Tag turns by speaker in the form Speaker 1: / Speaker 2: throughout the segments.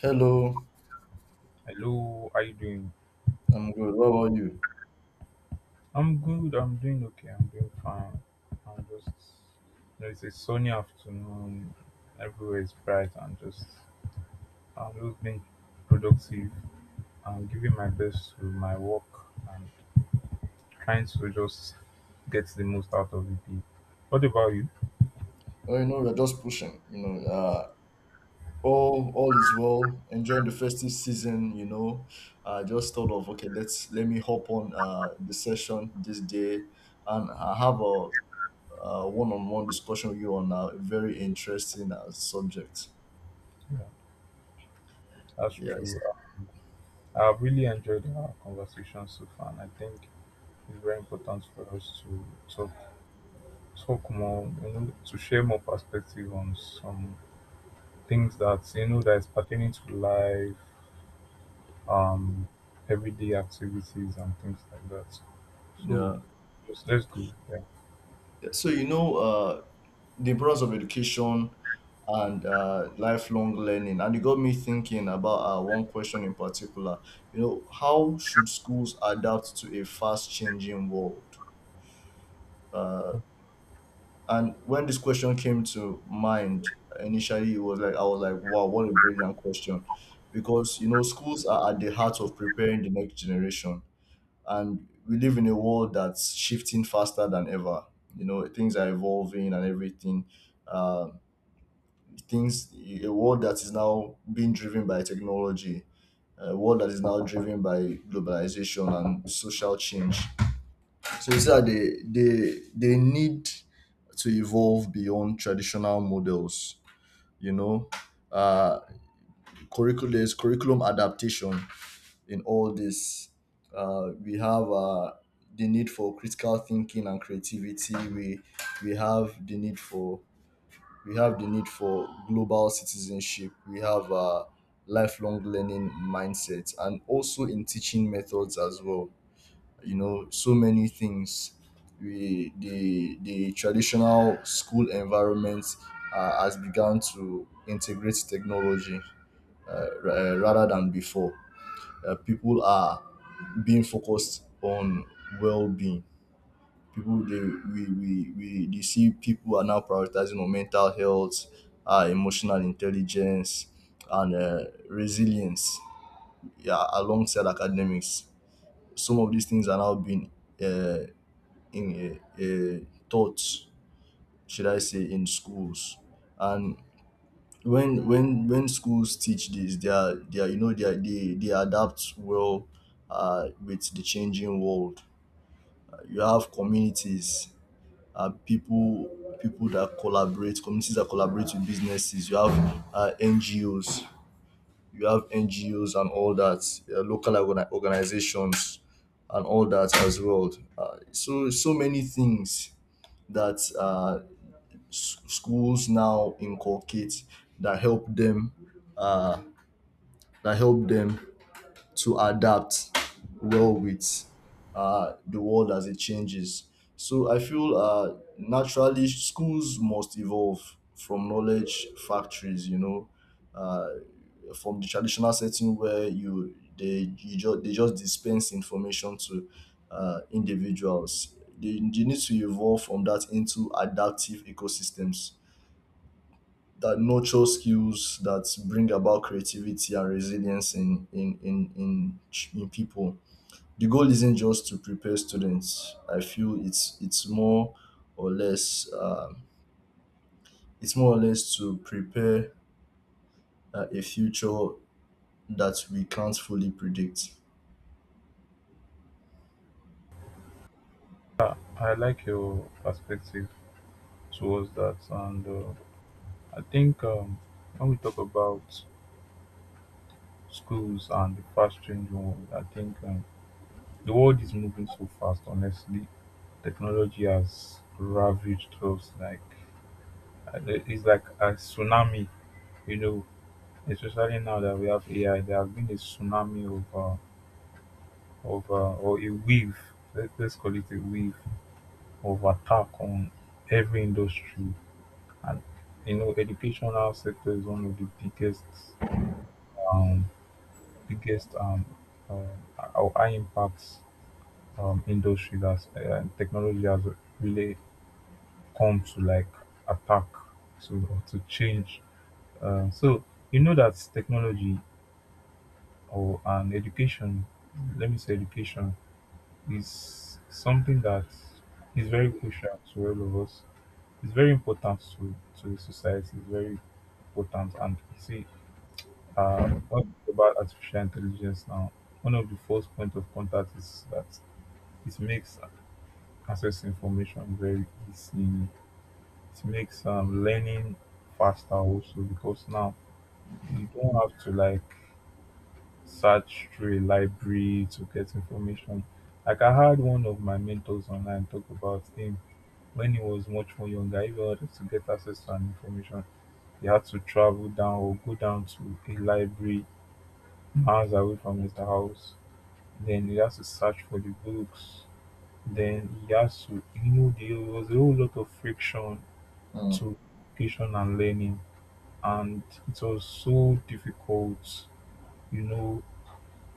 Speaker 1: Hello,
Speaker 2: Hello, how you doing?
Speaker 1: I'm good. How are you?
Speaker 2: I'm good. I'm doing okay. I'm doing fine. I'm just, it's a sunny afternoon. Everywhere is bright. I'm just being productive. I'm giving my best to my work and trying to just get the most out of the day. What about you?
Speaker 1: Well, you know, we're just pushing. All is well. Enjoying the festive season. You know, I just thought of let me hop on the session this day, and I have a one-on-one discussion with you on a very interesting subject.
Speaker 2: Yeah, that's
Speaker 1: Yes.
Speaker 2: true. I've really enjoyed our conversation so far, and I think it's very important for us to talk talk more, you know, to share more perspective on some things that you know that is pertaining to life, um, everyday activities and things like that. So
Speaker 1: Yeah.
Speaker 2: just let's go. Yeah,
Speaker 1: Yeah, the importance of education and lifelong learning. And it got me thinking about one question in particular. You know, how should schools adapt to a fast changing world? Uh, and when this question came to mind initially, it was like I was like, wow, what a brilliant question, because you know schools are at the heart of preparing the next generation, and we live in a world that's shifting faster than ever. You know, things are evolving and everything. Um things A world that is now being driven by technology, a world that is now driven by globalization and social change. So you see that they need to evolve beyond traditional models, you know. Uh, curriculum adaptation in all this. We have the need for critical thinking and creativity. We have the need for we have the need for global citizenship. We have a lifelong learning mindset, and also in teaching methods as well. You know, so many things. We the the traditional school environment has begun to integrate technology. Rather than before, people are being focused on well-being. People they we they see People are now prioritizing on mental health, emotional intelligence, and resilience. Yeah, alongside academics, some of these things are now being uh, in taught, should I say, in schools, and when schools teach this, they are you know, they adapt well with the changing world. You have communities, uh, people people that collaborate, communities that collaborate with businesses. You have NGOs, you have NGOs and all that, local organizations and all that as well. So many things that schools now inculcate that help them uh, that help them to adapt well with the world as it changes. So I feel naturally schools must evolve from knowledge factories, you know, uh, from the traditional setting where you just they just dispense information to individuals. They need to evolve from that into adaptive ecosystems that nurture skills that bring about creativity and resilience in people. The goal isn't just to prepare students. I feel it's more or less it's more or less to prepare a future that we can't fully predict.
Speaker 2: I like your perspective towards that, and I think when we talk about schools and the fast changing world, I think the world is moving so fast. Honestly, technology has ravaged us like it's like a tsunami. You know, especially now that we have AI, there has been a tsunami of, or a wave, let's call it a wave of attack on every industry. And, you know, educational sector is one of the biggest, um, biggest uh, or high impact industry that technology has really come to like attack to change. So, you know that technology or an education, let me say education is something that is very crucial to all of us. It's very important to the society. It's very important. And you see, what about artificial intelligence now? One of the first point of contact is that it makes access information very easy. It makes learning faster also because now you don't have to like search through a library to get information. Like I had one of my mentors online talk about him. When he was much more younger, if he wanted to get access to an information, he had to travel down or go down to a library miles away from his house. Then he has to search for the books. Then he has to, you know, there was a whole lot of friction
Speaker 1: Mm.
Speaker 2: to education and learning, and it was so difficult. You know,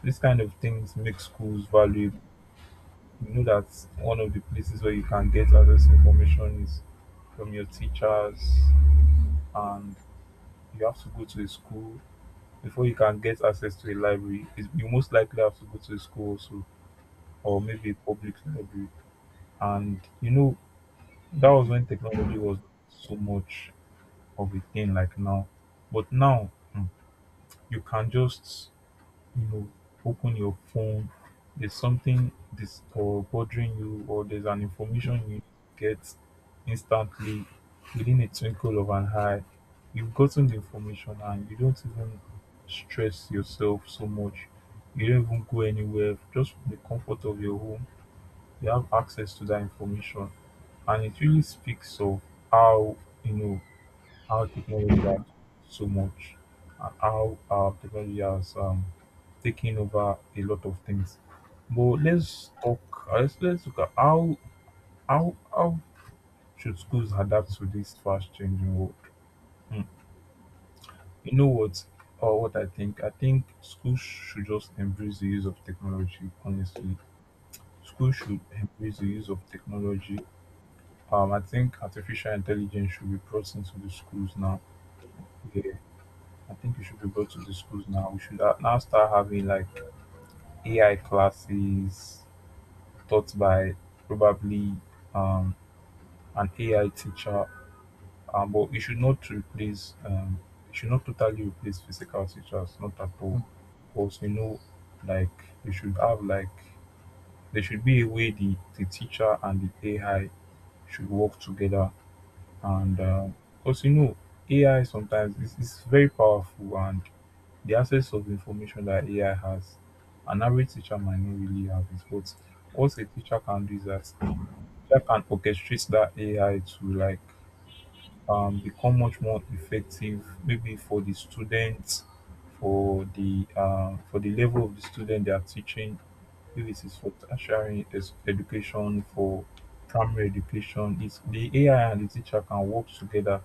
Speaker 2: these kind of things make schools valuable. You know that one of the places where you can get access to information is from your teachers, and you have to go to a school before you can get access to a library. You most likely have to go to a school also, or maybe a public library. And you know, that was when technology was so much of a thing like now. But now, hmm, you can just, you know, open your phone, there's something this or bothering you, or there's an information you get instantly within a twinkle of an eye. You've gotten the information and you don't even stress yourself so much. You don't even go anywhere. Just from the comfort of your home, you have access to that information. And it really speaks of how, you know, how technology has so much, and how technology has taken over a lot of things. But let's talk. Let's look at how how should schools adapt to this fast changing world. Hmm. You know what? Or what I think? I think schools should just embrace the use of technology. Honestly, schools should embrace the use of technology. I think artificial intelligence should be brought into the schools now. Yeah. I think we should be brought to the schools now. We should now start having like AI classes taught by probably um, an AI teacher. But it should not it should not totally replace physical teachers, not at all. Because you know, like we should have like there should be a way the teacher and the AI should work together. And because you know, AI sometimes is very powerful, and the access of information that AI has, an average teacher might not really have it, but what a teacher can do is that teacher can orchestrate that AI to like become much more effective, maybe for the students, for the level of the student they are teaching. If it is for tertiary education, for primary education, it's the AI and the teacher can work together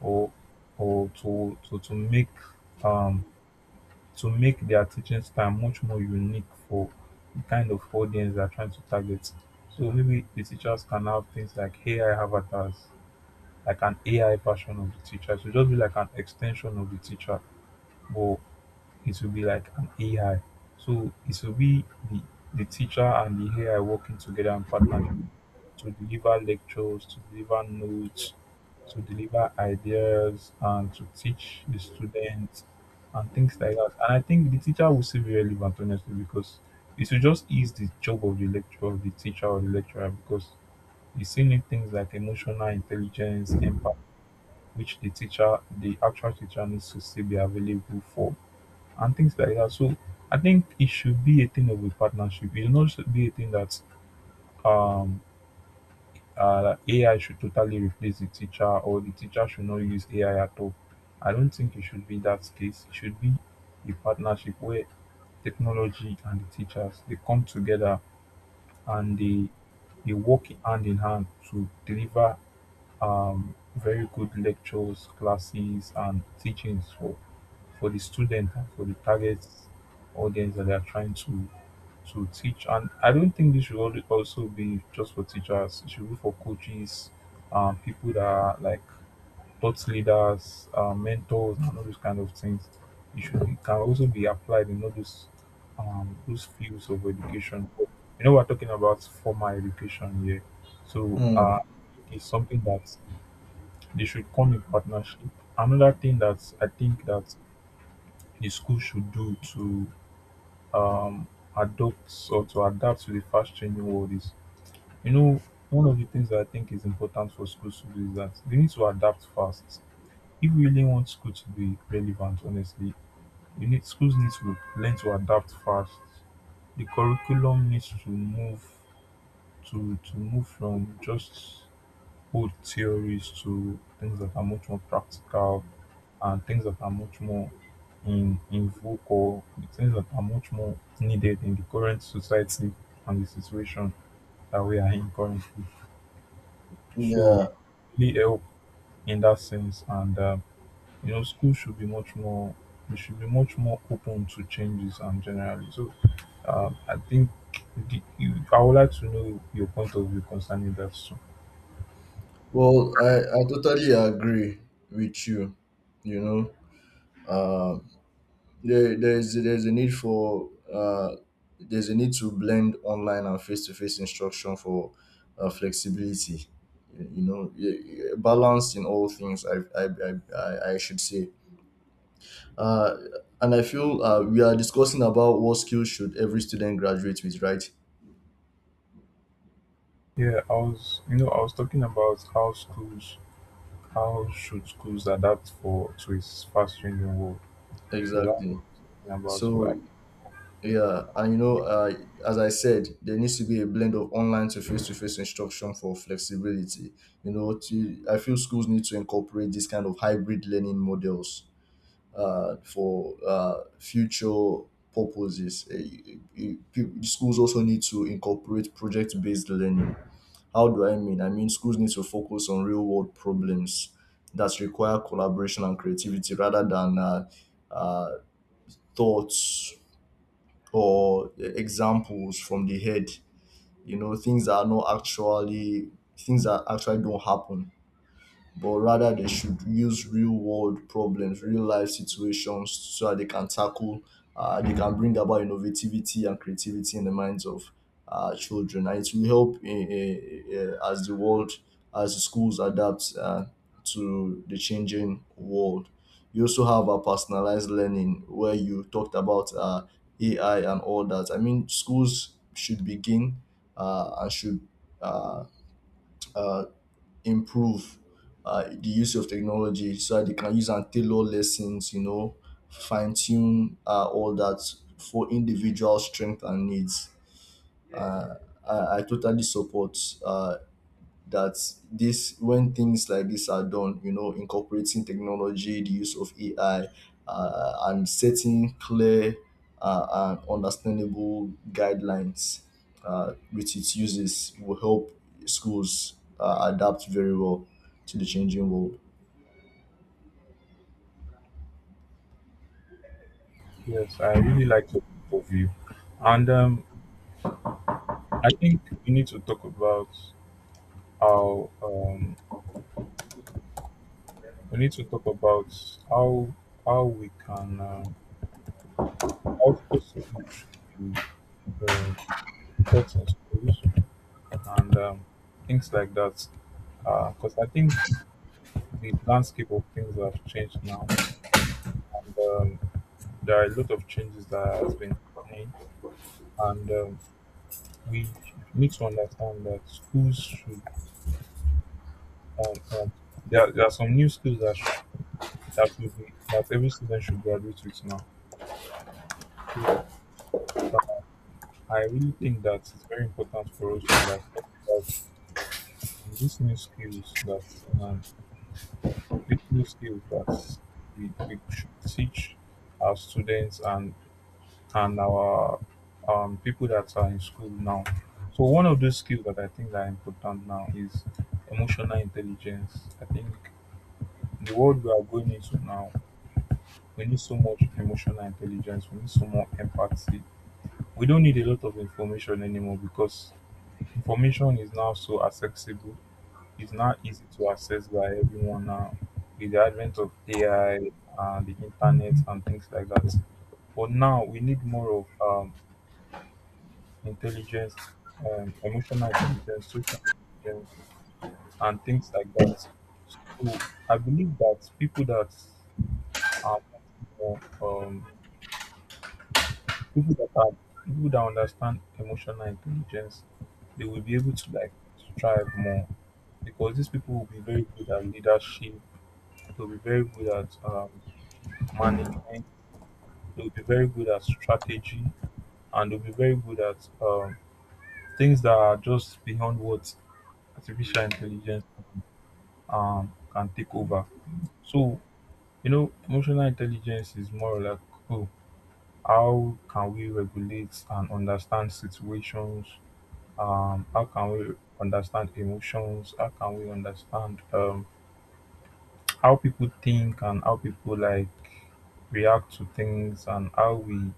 Speaker 2: or or um, to make their teaching style much more unique for the kind of audience they're trying to target. So maybe the teachers can have things like AI avatars, like an AI version of the teacher. It will just be like an extension of the teacher, but it will be like an AI. So it will be the, the teacher and the AI working together in partnership to deliver lectures, to deliver notes, to deliver ideas, and to teach the students and things like that. And I think the teacher will still be relevant, honestly, because it will just ease the job of the lecturer, of the teacher or the lecturer, because you still need things like emotional intelligence, empathy, which the teacher, the actual teacher, needs to still be available for, and things like that. So I think it should be a thing of a partnership. It should not be a thing that um AI should totally replace the teacher, or the teacher should not use AI at all. I don't think it should be that case. It should be a partnership where technology and the teachers they come together and they work hand in hand to deliver very good lectures, classes, and teachings for the student and for the target audience that they are trying to teach. And I don't think this should also be just for teachers. It should be for coaches, people that are like thought leaders, mentors, and all those kind of things. It can also be applied in all those fields of education. You know, we're talking about formal education here, so
Speaker 1: Mm.
Speaker 2: it's something that they should come in partnership. Another thing that I think that the school should do to um, adopt or to adapt to the fast changing world is, you know, one of the things that I think is important for schools to do is that they need to adapt fast. If we really want school to be relevant, honestly, you need schools need to learn to adapt fast. The curriculum needs to move from just old theories to things that are much more practical, and things that are much more in vogue, or things that are much more needed in the current society and the situation that we are in currently. So
Speaker 1: Yeah.
Speaker 2: really help in that sense. And you know, school should be much more. We should be much more open to changes and generally. So I think I would like to know your point of view concerning that. So
Speaker 1: Well, I totally agree with you. You know. uh, there's a need for there's a need to blend online and face to face instruction for flexibility. You know, balance in all things. I should say. Uh, and I feel we are discussing about what skills should every student graduate with, right?
Speaker 2: yeah, I was you know I was talking about how schools how should schools adapt for to its fast changing world. So that
Speaker 1: Exactly.
Speaker 2: about
Speaker 1: So yeah, and you know, as I said, there needs to be a blend of online to face instruction for flexibility. You know, I feel schools need to incorporate this kind of hybrid learning models for future purposes. Schools also need to incorporate project based learning. How do I mean? I mean, schools need to focus on real world problems that require collaboration and creativity rather than uh, thoughts or examples from the head, you know, things that are not actually, things that actually don't happen, but rather they should use real world problems, real life situations so that they can tackle, they can bring about innovativity and creativity in the minds of children. And it will help as the world, as the schools adapt to the changing world. You also have a personalized learning where you talked about AI and all that. I mean, schools should begin and should uh, uh, improve the use of technology so that they can use and tailor lessons, you know, fine tune all that for individual strength and needs. Uh, I totally support uh, that this. When things like this are done, you know, incorporating technology, the use of AI, and setting clear and understandable guidelines with its uses will help schools adapt very well to the changing world.
Speaker 2: yes, I really like your point of view. And I think we need to talk about how um we need to talk about how how we can how social skills should be um, taught in schools, and things like that. Because I think the landscape of things have changed now, and there are a lot of changes that has been happening, and we need to understand that schools should. Um, um, there are some new skills that that should be that every student should graduate with now. So I really think that it's very important for us to like talk about um, these new skills that um, these new skills that we should teach our students, and our people that are in school now. So one of those skills that I think are important now is emotional intelligence. I think the world we are going into now, we need so much emotional intelligence. We need so much empathy. We don't need a lot of information anymore because information is now so accessible. It's now easy to access by everyone now with the advent of AI and the internet and things like that. But now we need more of intelligence, emotional intelligence, social intelligence, and things like that. So I believe that people that are more, um, are people that understand emotional intelligence, they will be able to like thrive more, because these people will be very good at leadership, they'll be very good at management, they'll be very good at strategy, and they'll be very good at things that are just beyond what artificial intelligence can take over. So, you know, emotional intelligence is more like, oh, how can we regulate and understand situations? How can we understand emotions? How can we understand how people think and how people react to things and how we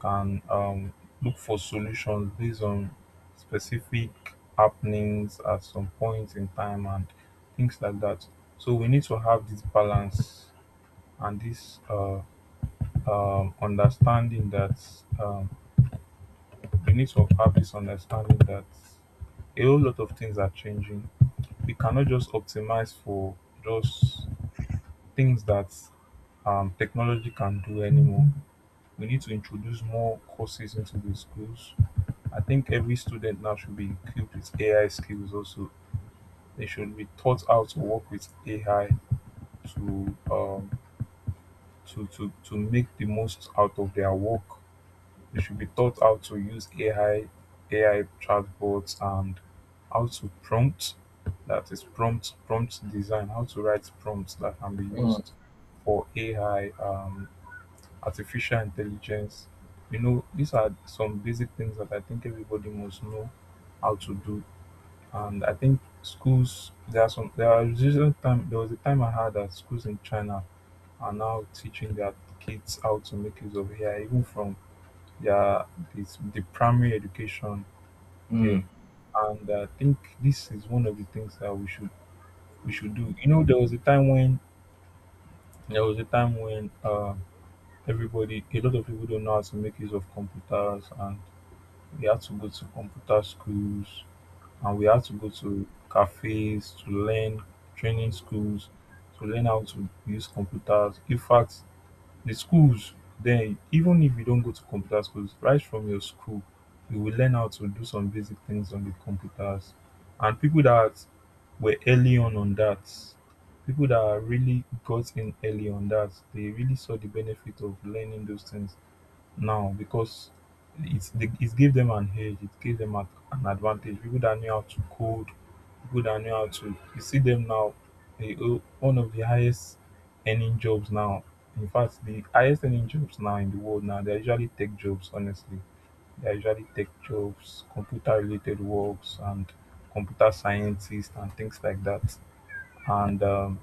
Speaker 2: can look for solutions based on specific happenings at some point in time and things like that. So we need to have this balance and this understanding that um, we need to have this understanding that a whole lot of things are changing. We cannot just optimize for just things that technology can do anymore. We need to introduce more courses into the schools. I think every student now should be equipped with AI skills also. They should be taught how to work with AI to make the most out of their work. They should be taught how to use AI, AI chatbots, and how to prompt, that is prompt design, how to write prompts that can be
Speaker 1: Mm,
Speaker 2: used for AI, artificial intelligence. You know, these are some basic things that I think everybody must know how to do. And I think schools there are some there are usually time there was a time I had that schools in China are now teaching their kids how to make use of AI, even from their the primary education there.
Speaker 1: mm.
Speaker 2: And I think this is one of the things that we should do. You know, there was a time when everybody, a lot of people don't know how to make use of computers and we had to go to computer schools and we had to go to cafes to learn training schools to learn how to use computers. In fact, the schools then, even if you don't go to computer schools, right from your school you will learn how to do some basic things on the computers. And people that were early on that, people that really got in early on that, they really saw the benefit of learning those things now because it gave them an edge, it gave them an advantage. People that knew how to code, people that knew how to, you see them now, they, one of the highest earning jobs now. In fact, the highest earning jobs now in the world now, they're usually tech jobs. Honestly, they're usually tech jobs, computer related works, and computer scientists and things like that. And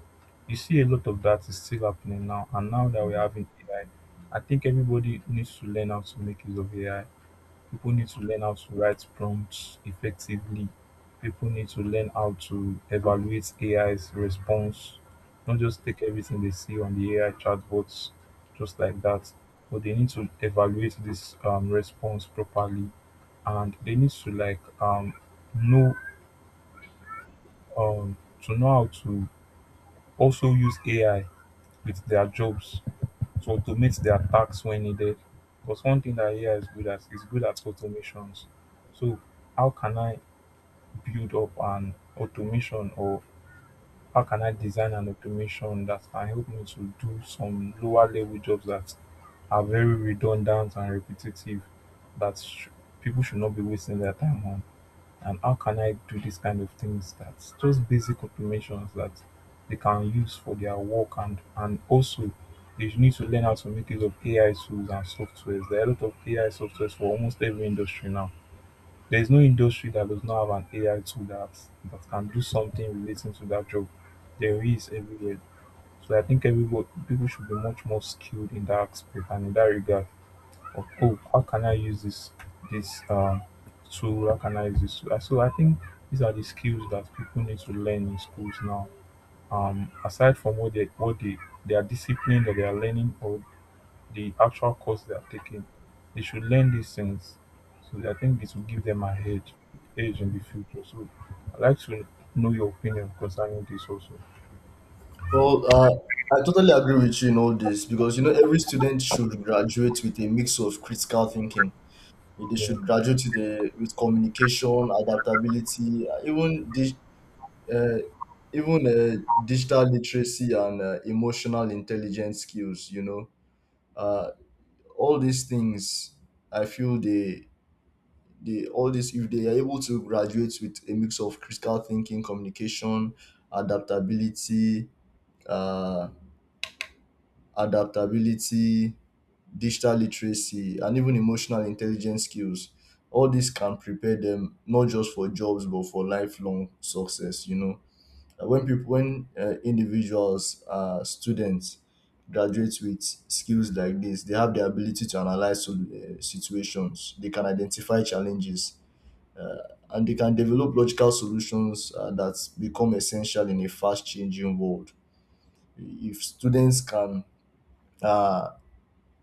Speaker 2: you see a lot of that is still happening now. And now that we're having AI, I think everybody needs to learn how to make use of AI. People need to learn how to write prompts effectively. People need to learn how to evaluate AI's response, not just take everything they see on the AI chatbots just like that. But they need to evaluate this response properly, and they need to like know um, to know how to also use AI with their jobs. So, to automate their tasks when needed. Because one thing that AI is good at automations. So how can I build up an automation, or how can I design an automation that can help me to do some lower level jobs that are very redundant and repetitive that sh- people should not be wasting their time on? And how can I do this kind of things, that's just basic automations that they can use for their work? And also, they need to learn how to make use of AI tools and softwares. There are a lot of AI softwares for almost every industry now. There is no industry that does not have an AI tool that can do something relating to that job. There is everywhere. So I think everybody people should be much more skilled in that aspect and in that regard of, oh, how can I use this this um tool? How can I use this tool? So I think these are the skills that people need to learn in schools now. Aside from what they their discipline that they are learning or the actual course they are taking, they should learn these things. So I think it will give them a edge edge in the future. So I'd like to know your opinion concerning this also.
Speaker 1: Well, I totally agree with you in all this, because you know every student should graduate with a mix of critical thinking. They
Speaker 2: Yeah.
Speaker 1: should graduate to the with communication, adaptability, even dig, uh, even digital literacy and emotional intelligence skills. You know, uh, all these things. I feel they All this, if they are able to graduate with a mix of critical thinking, communication, adaptability, uh, adaptability, digital literacy and even emotional intelligence skills, all this can prepare them not just for jobs but for lifelong success, you know. When people when individuals, students graduate with skills like this, they have the ability to analyze situations, they can identify challenges uh, and they can develop logical solutions that become essential in a fast changing world. If students can uh,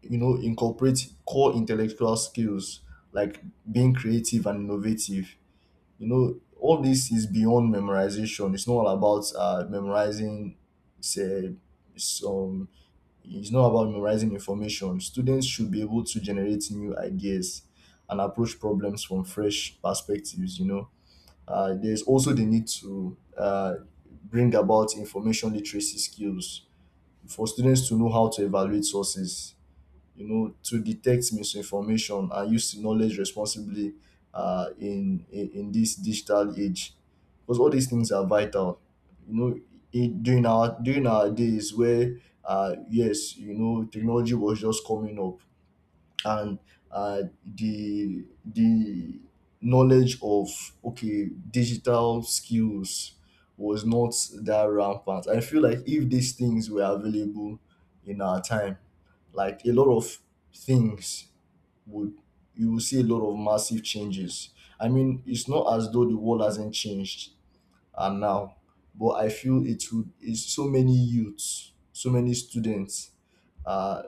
Speaker 1: you know incorporate core intellectual skills like being creative and innovative, you know all this is beyond memorization. It's not all about memorizing, say some it's not about memorizing information. Students should be able to generate new ideas and approach problems from fresh perspectives, you know. There's also the need to bring about information literacy skills for students to know how to evaluate sources, you know, to detect misinformation and use knowledge responsibly in this digital age. Because all these things are vital. You know, during our days where yes, you know, technology was just coming up, and the knowledge of okay digital skills was not that rampant. I feel like if these things were available in our time, like a lot of things would, you will see a lot of massive changes. I mean, it's not as though the world hasn't changed, and now, but I feel it would, is so many youths, so many students uh,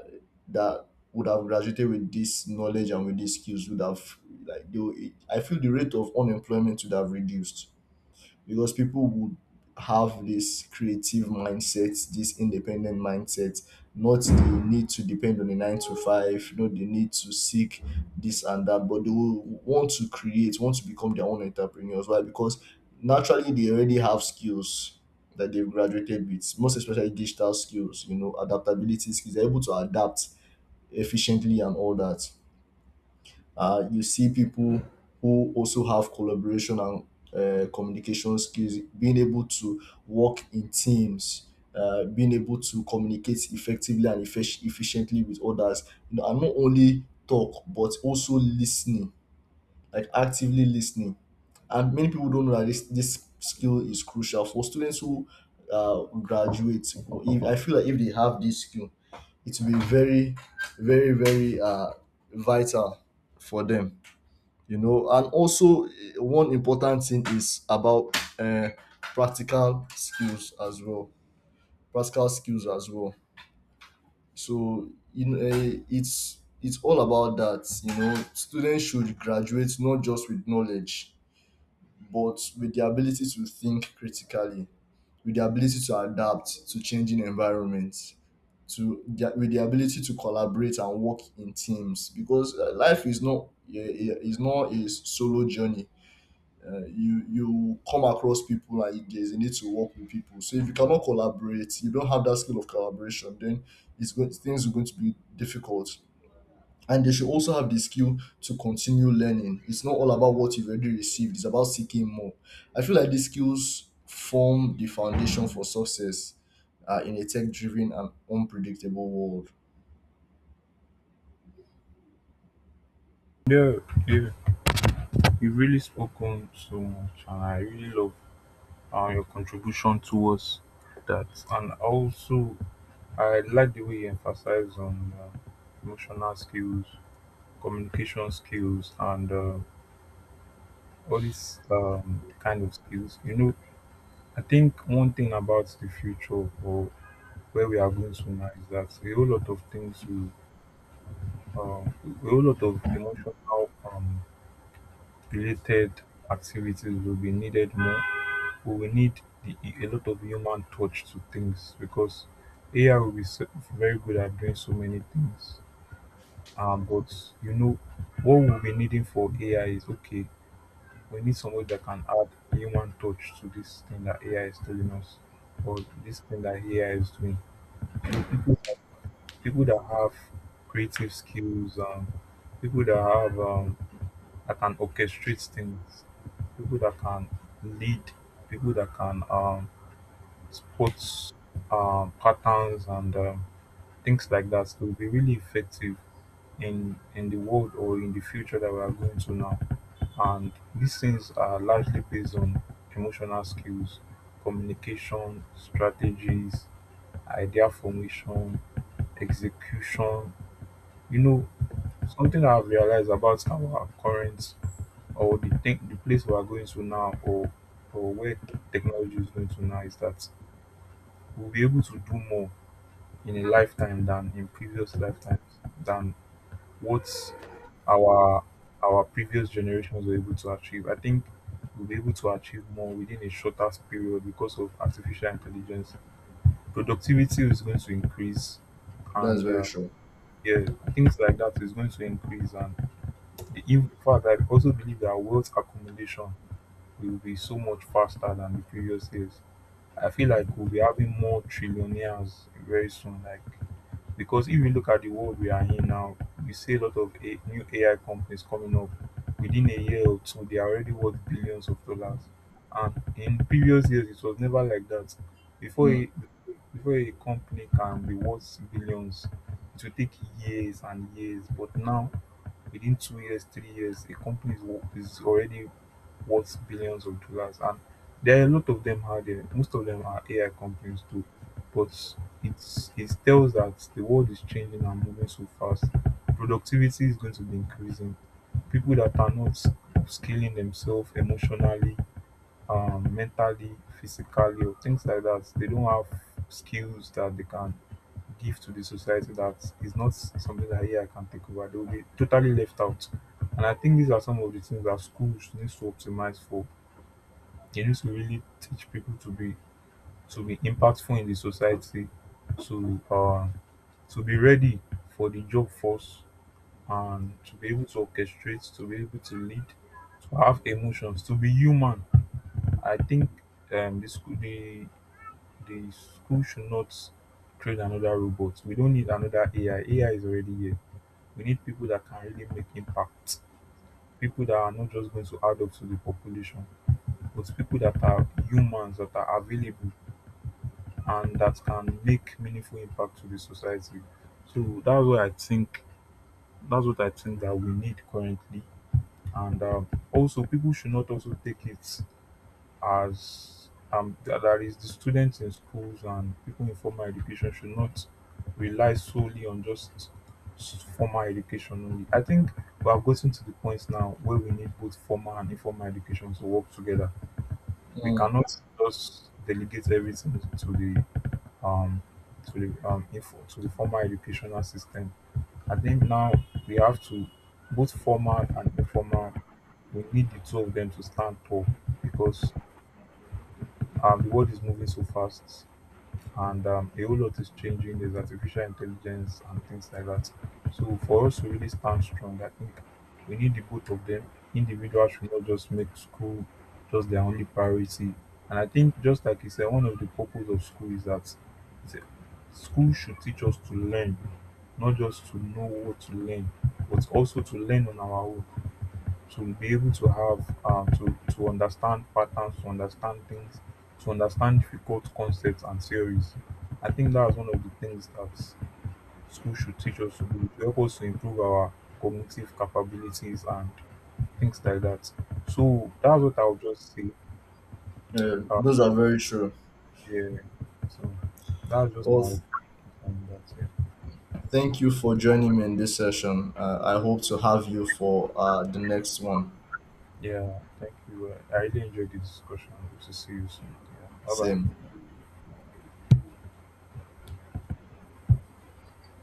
Speaker 1: that would have graduated with this knowledge and with these skills would have, like they, would- I feel the rate of unemployment would have reduced, because people would have this creative mindset, this independent mindset, not the need to depend on a nine to five, not the need to seek this and that, but they will want to create, want to become their own entrepreneurs. Why? Because naturally they already have skills that they've graduated with, most especially digital skills, you know, adaptability skills. They're able to adapt efficiently and all that. You see people who also have collaboration and communication skills, being able to work in teams, being able to communicate effectively and efficiently with others, you know, and not only talk but also listening, like actively listening. And many people don't know that this skill is crucial for students who graduate. If, I feel like if they have this skill, it will be very vital for them, you know. And also one important thing is about practical skills as well, practical skills as well so you know it's all about that. You know students should graduate not just with knowledge but with the ability to think critically, with the ability to adapt to changing environments, with the ability to collaborate and work in teams, because life is not eh, eh, is not a solo journey. You you come across people and you, there's a need to work with people. So if you cannot collaborate, you don't have that skill of collaboration, then it's going things are going to be difficult. And they should also have the skill to continue learning. It's not all about what you've already received; it's about seeking more. I feel like these skills form the foundation for success in a tech-driven and unpredictable world.
Speaker 2: Yeah, yeah, you really spoken so much and I really love your contribution towards that. And also, I like the way you emphasize on emotional skills, communication skills, and all these kind of skills. You know, I think one thing about the future or where we are going to now is that a whole lot of emotional um, related activities will be needed more. We will need the, a lot of human touch to things because AI will be very good at doing so many things. But you know what we'll be needing for AI is, okay, we need somebody that can add human touch to this thing that AI is telling us, or this thing that AI is doing. So people that have creative skills, people that have that can orchestrate things, people that can lead, people that can sports patterns and things like that will be really effective in the world or in the future that we are going to now. And these things are largely based on emotional skills, communication strategies, idea formation, execution. You know, something I've realized about our current, the place we are going to now, or where technology is going to now, is that we'll be able to do more in a lifetime than in previous lifetimes, than what our our previous generations were able to achieve. I think we'll be able to achieve more within a shorter period because of artificial intelligence. Productivity is going to increase,
Speaker 1: That's
Speaker 2: and
Speaker 1: very true.
Speaker 2: yeah, things like that is going to increase. And in fact, I also believe that wealth accumulation will be so much faster than the previous years. I feel like we'll be having more trillionaires very soon. Like, because if you look at the world we are in now, we see a lot of new AI companies coming up. Within a year or two, they are already worth billions of dollars. And in previous years, it was never like that. Before
Speaker 1: Mm,
Speaker 2: a, Before a company can be worth billions, it will take years and years. But now, within 2 years, 3 years, a company is, is already worth billions of dollars, and there are a lot of them out there. Most of them are AI companies too. But it tells that the world is changing and moving so fast. Productivity is going to be increasing. People that are not scaling themselves emotionally, mentally, physically, or things like that, they don't have skills that they can give to the society that is not something that AI can take over. They will be totally left out. And I think these are some of the things that schools need to optimize for. They need to really teach people to be impactful in the society, to um to be ready for the job force, and to be able to orchestrate, to be able to lead, to have emotions, to be human. I think um the school the the school should not create another robot. We don't need another AI. AI is already here. We need people that can really make impact, people that are not just going to add up to the population, but people that are humans that are available and that can make meaningful impact to the society. So that's what I think. That's what I think that we need currently. And also, people should not also take it as that is, the students in schools and people in formal education should not rely solely on just formal education only. I think we have gotten to the point now where we need both formal and informal education to work together. We
Speaker 1: mm.
Speaker 2: cannot just delegate everything to the um, to the formal educational system. I think now we have to both formal and informal. We need the two of them to stand tall because the world is moving so fast and a whole lot is changing. There's artificial intelligence and things like that. So for us to really stand strong, I think we need the both of them. Individuals should not just make school just their only priority. And I think just like you said, one of the purpose of school is that it's a- school should teach us to learn, not just to know what to learn, but also to learn on our own, to be able to have to understand patterns, to understand things, to understand difficult concepts and theories. I think that's one of the things that school should teach us to do. It help us to improve our cognitive capabilities and things like that. So that's what I would just say.
Speaker 1: Yeah,
Speaker 2: Uh,
Speaker 1: those are very true.
Speaker 2: yeah. So that's just my
Speaker 1: Well,
Speaker 2: opinion on that. Yeah.
Speaker 1: thank you for joining me in this session. I hope to have you for the next one.
Speaker 2: Yeah, thank you. I really enjoyed the discussion. Hope to see you soon. Yeah. Bye bye.
Speaker 1: Same.